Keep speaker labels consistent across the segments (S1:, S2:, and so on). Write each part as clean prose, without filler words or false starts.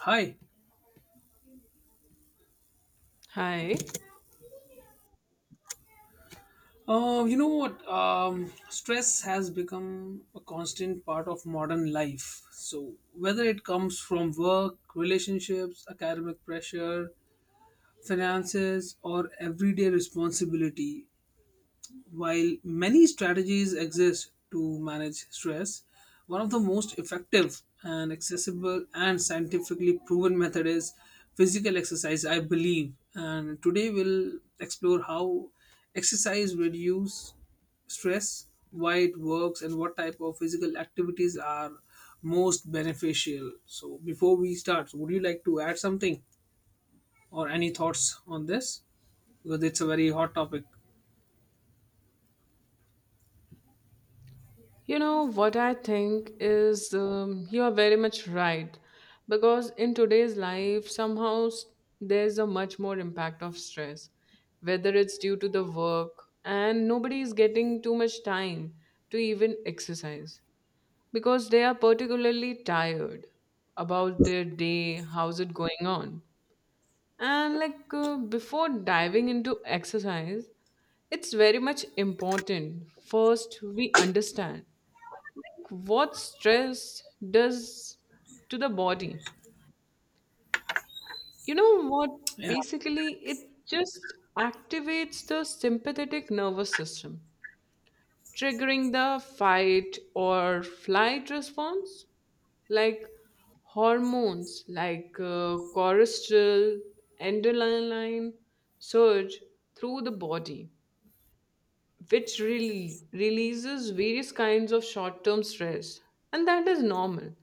S1: Hi.
S2: Hi.
S1: You know what? Stress has become a constant part of modern life. So, whether it comes from work, relationships, academic pressure, finances, or everyday responsibility, while many strategies exist to manage stress, one of the most effective and accessible and scientifically proven method is physical exercise, I believe. And today we'll explore how exercise reduce stress, why it works, and what type of physical activities are most beneficial. So before we start, would you like to add something or any thoughts on this? Because it's a very hot topic.
S2: You know what I think is you are very much right because in today's life somehow there's a much more impact of stress, whether it's due to the work and nobody is getting too much time to even exercise because they are particularly tired about their day, how's it going on. And before diving into exercise, it's very much important first we understand what stress does to the body. You know what? Basically, it just activates the sympathetic nervous system, triggering the fight or flight response, like hormones like cortisol, adrenaline surge through the body, which really releases various kinds of short term stress. And that is normal.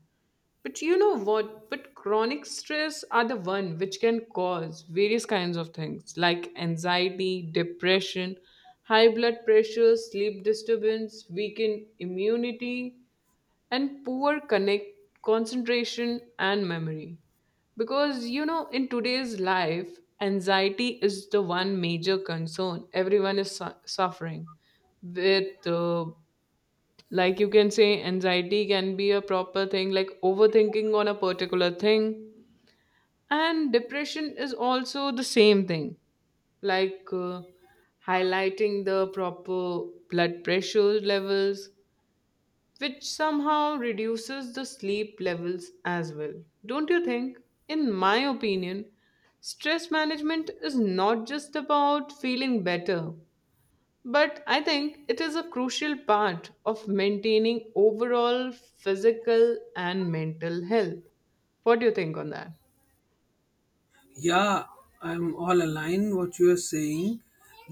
S2: But you know what? But chronic stress are the one which can cause various kinds of things like anxiety, depression, high blood pressure, sleep disturbance, weakened immunity, and poor connect concentration and memory. Because you know, in today's life, anxiety is the one major concern everyone is suffering with. Like you can say anxiety can be a proper thing like overthinking on a particular thing, and depression is also the same thing, like uh, highlighting the proper blood pressure levels, which somehow reduces the sleep levels as well. Don't you think, in my opinion, stress management is not just about feeling better, but I think it is a crucial part of maintaining overall physical and mental health. What do you think on that?
S1: Yeah, I'm all aligned what you are saying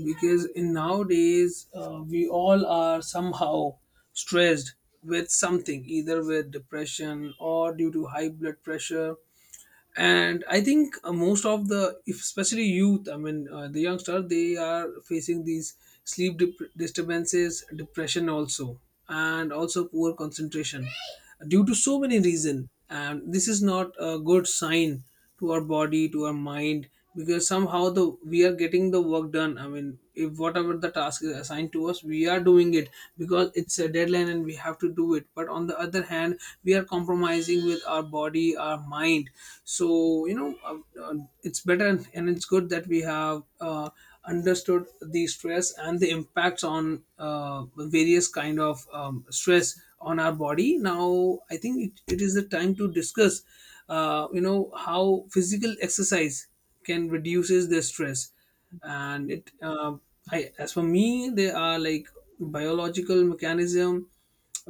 S1: because in nowadays we all are somehow stressed with something either with depression or due to high blood pressure. And I think most of the, if especially youth, I mean the youngster, they are facing these sleep disturbances, depression also, and also poor concentration due to so many reason. And this is not a good sign to our body, to our mind, because somehow the we are getting the work done. I mean, if whatever the task is assigned to us, we are doing it because it's a deadline and we have to do it, but on the other hand we are compromising with our body, our mind. So uh, it's better and it's good that we have understood the stress and the impacts on various kind of stress on our body. Now I think it is the time to discuss how physical exercise can reduces their stress. And it I, as for me, they are like biological mechanism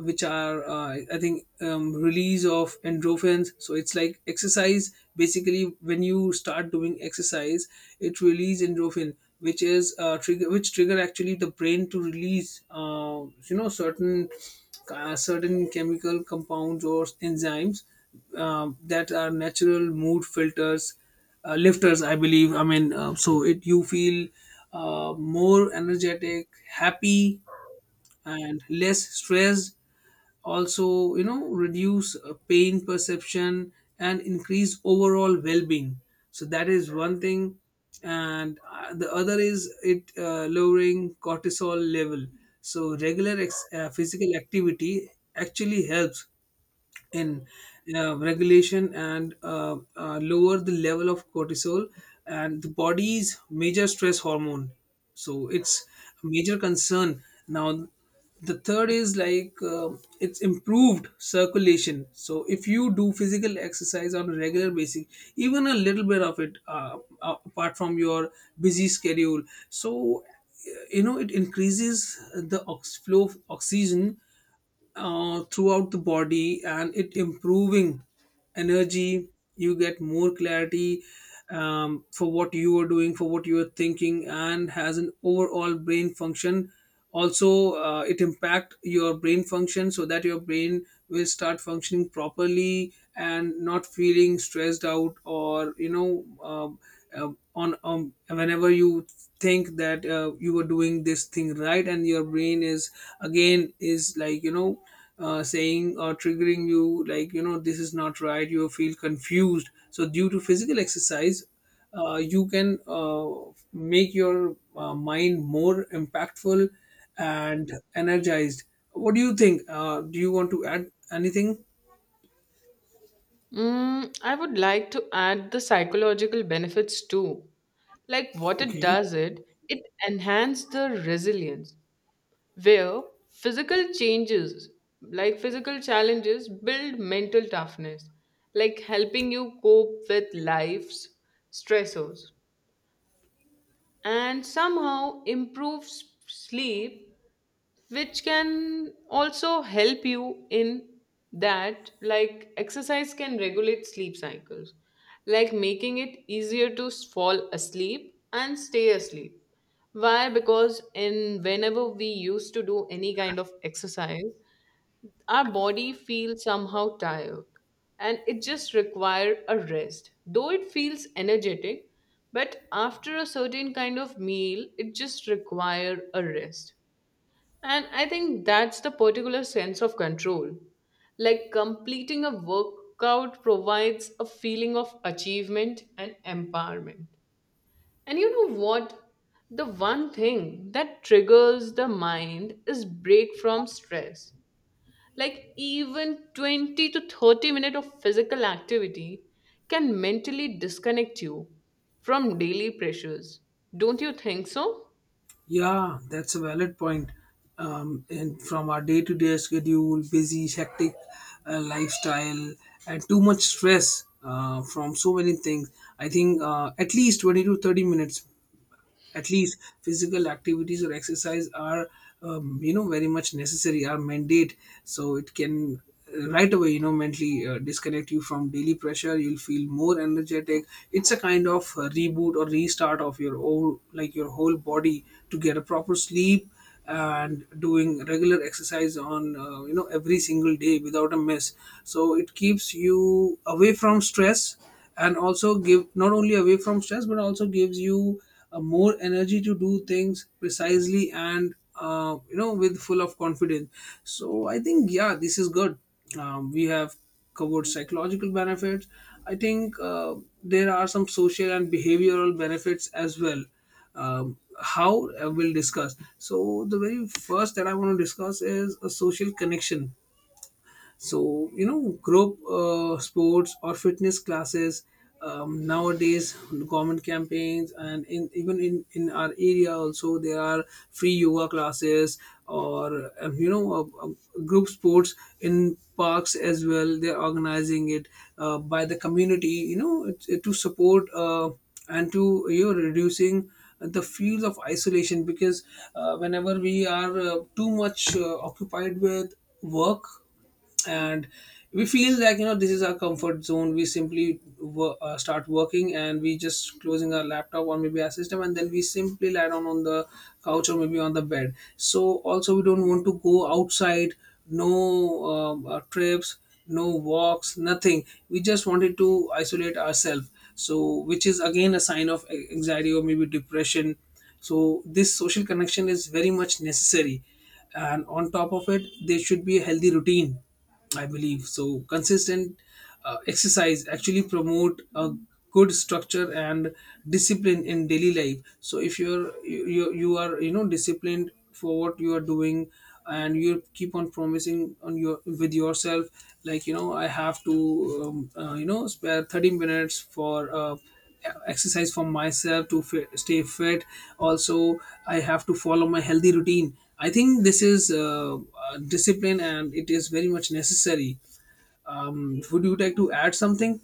S1: which are, I think, release of endorphins. So it's like exercise basically when you start doing exercise, it release endorphin, which is trigger, which trigger actually the brain to release certain, certain chemical compounds or enzymes that are natural mood filters, lifters, I believe. I mean, so it you feel more energetic, happy, and less stress. Also, you know, reduce pain perception and increase overall well-being. So that is one thing. And the other is it lowering cortisol level. So regular physical activity actually helps in regulation and lower the level of cortisol and the body's major stress hormone. So it's a major concern now. The third is like, it's improved circulation. So if you do physical exercise on a regular basis, even a little bit of it, apart from your busy schedule, so you know, it increases the flow of oxygen throughout the body, and it improving energy. You get more clarity, for what you are doing, for what you are thinking, and has an overall brain function. Also, it impact your brain function so that your brain will start functioning properly and not feeling stressed out, or you know, on whenever you think that you were doing this thing right, and your brain is again is like, you know, saying or triggering you like, you know, this is not right, you feel confused. So due to physical exercise, you can make your mind more impactful and energized. What do you think? Do you want to add anything?
S2: Mm, I would like to add the psychological benefits too. Like what it
S1: Okay.
S2: does it, it enhances the resilience, where physical changes, like physical challenges build mental toughness, like helping you cope with life's stressors, and somehow improve sleep, which can also help you in that. Like exercise can regulate sleep cycles, like making it easier to fall asleep and stay asleep. Why? Because in whenever we used to do any kind of exercise, our body feels somehow tired and it just requires a rest, though it feels energetic, but after a certain kind of meal it just requires a rest. And I think that's the particular sense of control, like completing a workout provides a feeling of achievement and empowerment. And you know what, the one thing that triggers the mind is break from stress. Like even 20 to 30 minutes of physical activity can mentally disconnect you from daily pressures. Don't you think so?
S1: Yeah, that's a valid point. And from our day to day schedule, busy, hectic lifestyle, and too much stress from so many things, I think, at least 20 to 30 minutes at least physical activities or exercise are, you know, very much necessary, are mandate. So it can right away, you know, mentally disconnect you from daily pressure. You'll feel more energetic. It's a kind of reboot or restart of your whole, like your whole body, to get a proper sleep. And doing regular exercise on, you know, every single day without a miss, so it keeps you away from stress, and also give not only away from stress but also gives you more energy to do things precisely and, you know, with full of confidence. So I think, yeah, this is good. We have covered psychological benefits. I think, there are some social and behavioral benefits as well. How, we'll discuss, so the very first that I want to discuss is a social connection. So you know, group sports or fitness classes, nowadays government campaigns, and in our area also, there are free yoga classes or, group sports in parks as well, they're organizing it by the community. You know, to support and to, you know, reducing the feels of isolation. Because whenever we are too much occupied with work, and we feel like, you know, this is our comfort zone, we simply start working, and we just closing our laptop or maybe our system, and then we simply lie down on the couch or maybe on the bed. So also we don't want to go outside, no, trips, no walks, nothing. We just wanted to isolate ourselves. So which is again a sign of anxiety or maybe depression. So this social connection is very much necessary, and on top of it there should be a healthy routine, I believe. So consistent exercise actually promote a good structure and discipline in daily life. So if you are, you know, disciplined for what you are doing, and you keep on promising on your with yourself, like, you know, I have to, spare 30 minutes for exercise for myself to stay fit. Also, I have to follow my healthy routine. I think this is discipline, and it is very much necessary. Would you like to add something?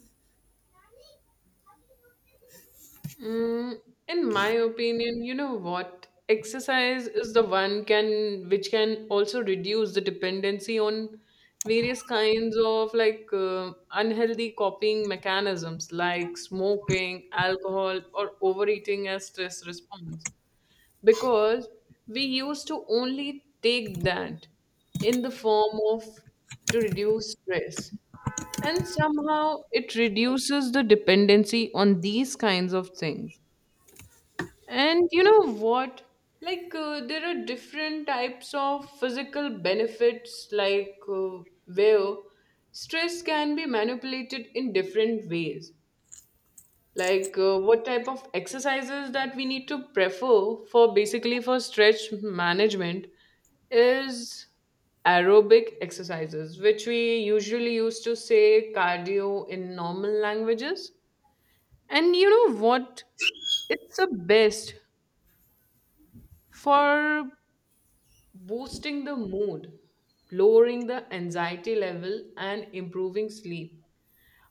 S2: Mm, in my opinion, you know what? Exercise is the one can which can also reduce the dependency on various kinds of unhealthy coping mechanisms like smoking, alcohol, or overeating as stress response. Because we used to only take that in the form of to reduce stress, and somehow it reduces the dependency on these kinds of things. And you know what, there are different types of physical benefits, where stress can be manipulated in different ways. What type of exercises that we need to prefer for basically for stretch management is aerobic exercises, which we usually used to say cardio in normal languages. And you know what, it's the best for boosting the mood, lowering the anxiety level and improving sleep.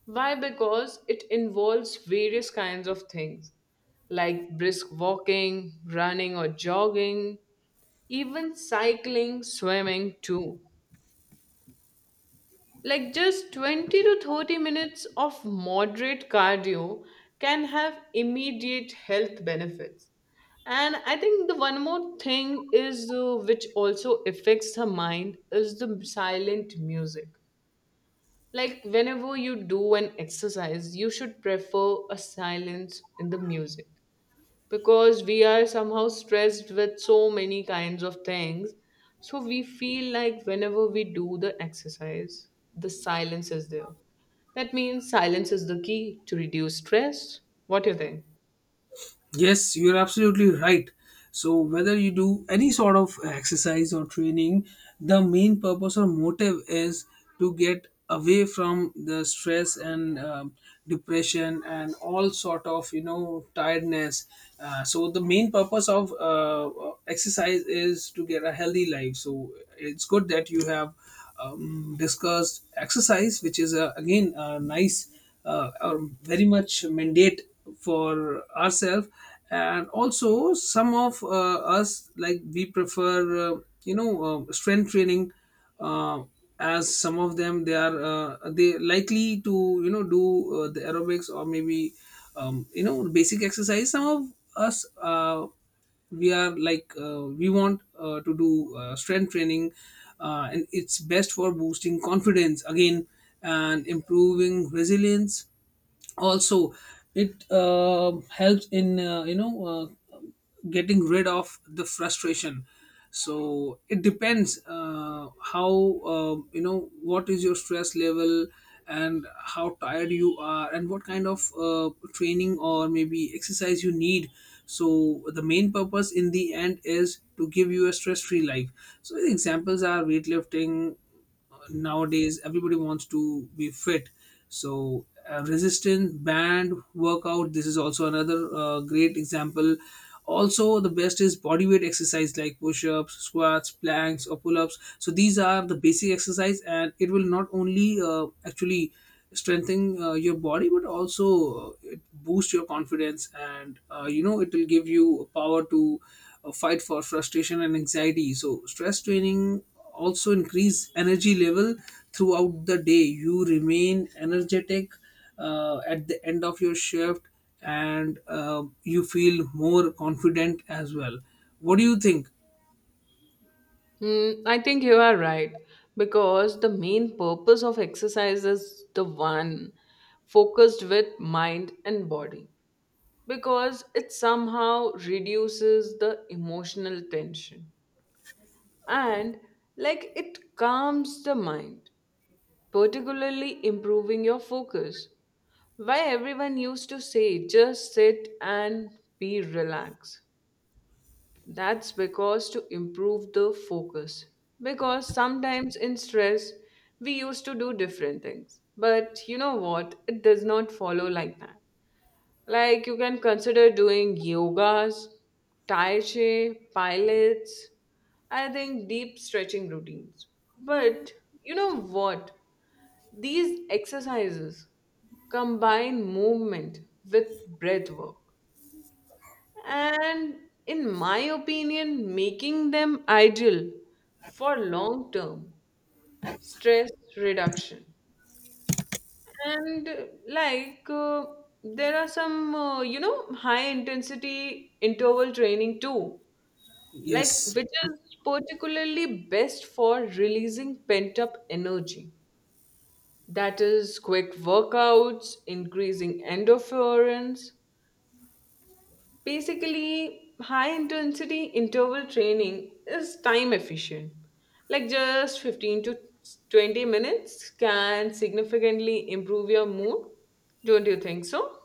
S2: Why? Because it involves various kinds of things like brisk walking, running or jogging, even cycling, swimming too. Like just 20 to 30 minutes of moderate cardio can have immediate health benefits. And I think the one more thing is which also affects the mind is the silent music. Like whenever you do an exercise, you should prefer a silence in the music, because we are somehow stressed with so many kinds of things. So we feel like whenever we do the exercise, the silence is there. That means silence is the key to reduce stress. What do you think?
S1: Yes, you're absolutely right. So, whether you do any sort of exercise or training, the main purpose or motive is to get away from the stress and, depression, and all sort of, you know, tiredness. So, the main purpose of exercise is to get a healthy life. So, it's good that you have discussed exercise, which is a, again, a nice, are very much mandate for ourselves. And also, some of us, like, we prefer strength training, uh, as some of them, they are they likely to, you know, do the aerobics, or maybe, you know, basic exercise. Some of us, we are like, we want, to do, strength training, and it's best for boosting confidence again, and improving resilience. Also, it helps in, getting rid of the frustration. So it depends, how, you know, what is your stress level and how tired you are and what kind of training or maybe exercise you need. So the main purpose in the end is to give you a stress free life. So the examples are weightlifting. Nowadays everybody wants to be fit. So resistance band workout, this is also another great example. Also, the best is bodyweight exercise like push-ups, squats, planks, or pull-ups. So these are the basic exercise, and it will not only actually strengthen your body, but also it boosts your confidence, and you know it will give you power to fight for frustration and anxiety. So stress training also increase energy level. Throughout the day you remain energetic at the end of your shift, and you feel more confident as well. What do you think?
S2: Hmm, I think you are right because the main purpose of exercise is the one focused with mind and body, because it somehow reduces the emotional tension, and like it calms the mind, particularly improving your focus. Why everyone used to say just sit and be relaxed? That's because to improve the focus, because sometimes in stress we used to do different things, but you know what, it does not follow like that. Like you can consider doing yogas, tai chi, pilates, I think deep stretching routines. But you know what? These exercises combine movement with breath work. And in my opinion, making them ideal for long term stress reduction. And like There are some you know high intensity interval training too, like
S1: Yes.
S2: which is particularly best for releasing pent up energy. That is quick workouts, increasing endorphins. Basically, high intensity interval training is time efficient. Like just 15 to 20 minutes can significantly improve your mood. Don't you think so?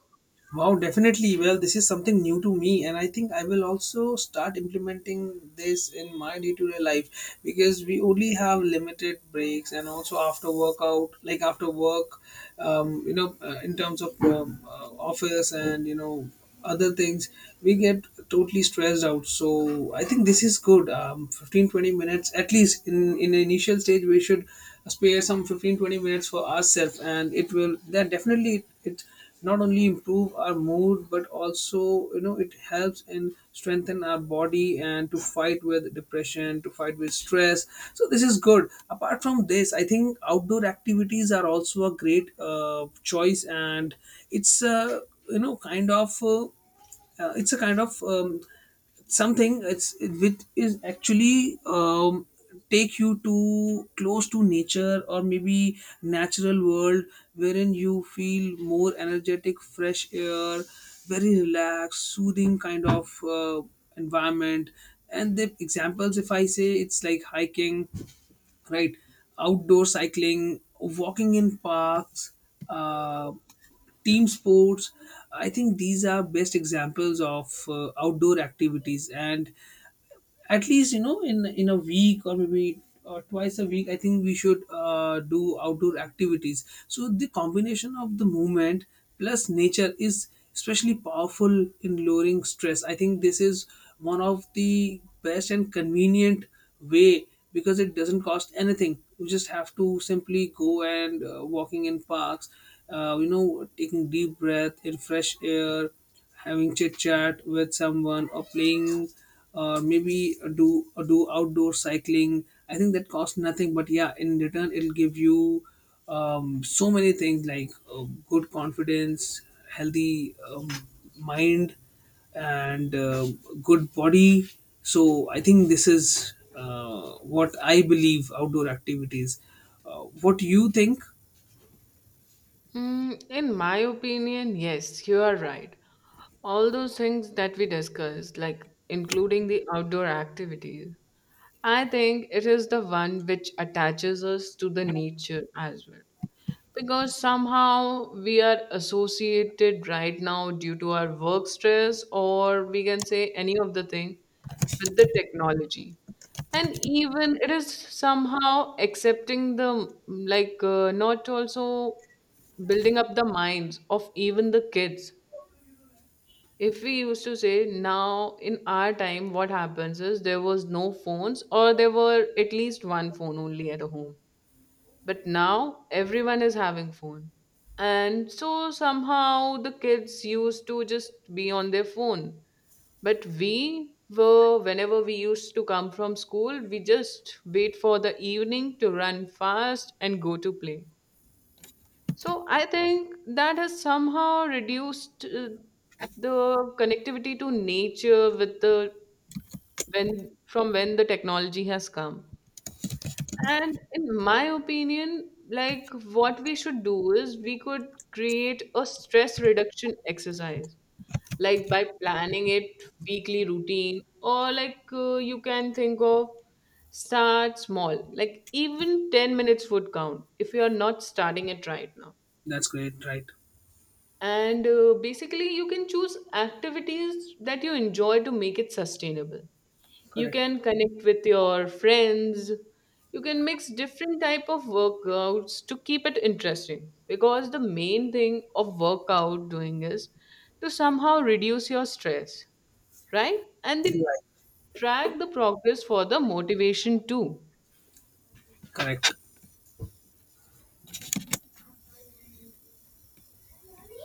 S1: Wow, definitely. Well, this is something new to me, and I think I will also start implementing this in my day to day life because we only have limited breaks, and also after workout, like after work, you know, in terms of office and you know other things, we get totally stressed out. So I think this is good. 15-20 minutes at least in the initial stage, we should spare some 15-20 minutes for ourselves, and it will that definitely it, it not only improve our mood but also, you know, it helps and strengthen our body, and to fight with depression, to fight with stress. So this is good. Apart from this, I think outdoor activities are also a great choice. And it's, you know kind of uh, it's a kind of, something, with is actually, take you to close to nature or maybe natural world, wherein you feel more energetic. Fresh air, very relaxed, soothing kind of environment. And the examples, if I say, it's like hiking, right? Outdoor cycling, walking in parks, uh, team sports. I think these are best examples of outdoor activities. And at least, you know, in a week, or maybe twice a week, I think we should do outdoor activities. So the combination of the movement plus nature is especially powerful in lowering stress. I think this is one of the best and convenient way, because it doesn't cost anything. You just have to simply go, and walking in parks, you know, taking deep breath in fresh air, having chit chat with someone, or playing, or maybe do outdoor cycling. I think that costs nothing, but yeah, in return it'll give you so many things, like good confidence, healthy, mind, and good body. So I think this is what I believe outdoor activities. What you think?
S2: Mm, in my opinion, yes, you are right. All those things that we discussed, like including the outdoor activities, I think it is the one which attaches us to the nature as well. Because somehow we are associated right now due to our work stress, or we can say any of the thing with the technology. And even it is somehow accepting the not also building up the minds of even the kids. If we used to say now in our time, what happens is there was no phones, or there were at least one phone only at a home, but now everyone is having phone. And so somehow the kids used to just be on their phone, but whenever we used to come from school, we just wait for the evening to run fast and go to play. So I think that has somehow reduced the connectivity to nature with the when from when the technology has come. And in my opinion, like what we should do is we could create a stress reduction exercise, like by planning it weekly routine, or you can think of start small, like even 10 minutes would count if you are not starting it right now.
S1: That's great, right?
S2: And Basically, you can choose activities that you enjoy to make it sustainable. You
S1: Correct.
S2: can connect with your friends, you can mix different type of workouts to keep it interesting, because the main thing of workout doing is to somehow reduce your stress, right? And they
S1: Right.
S2: track the progress for the motivation too.
S1: Correct.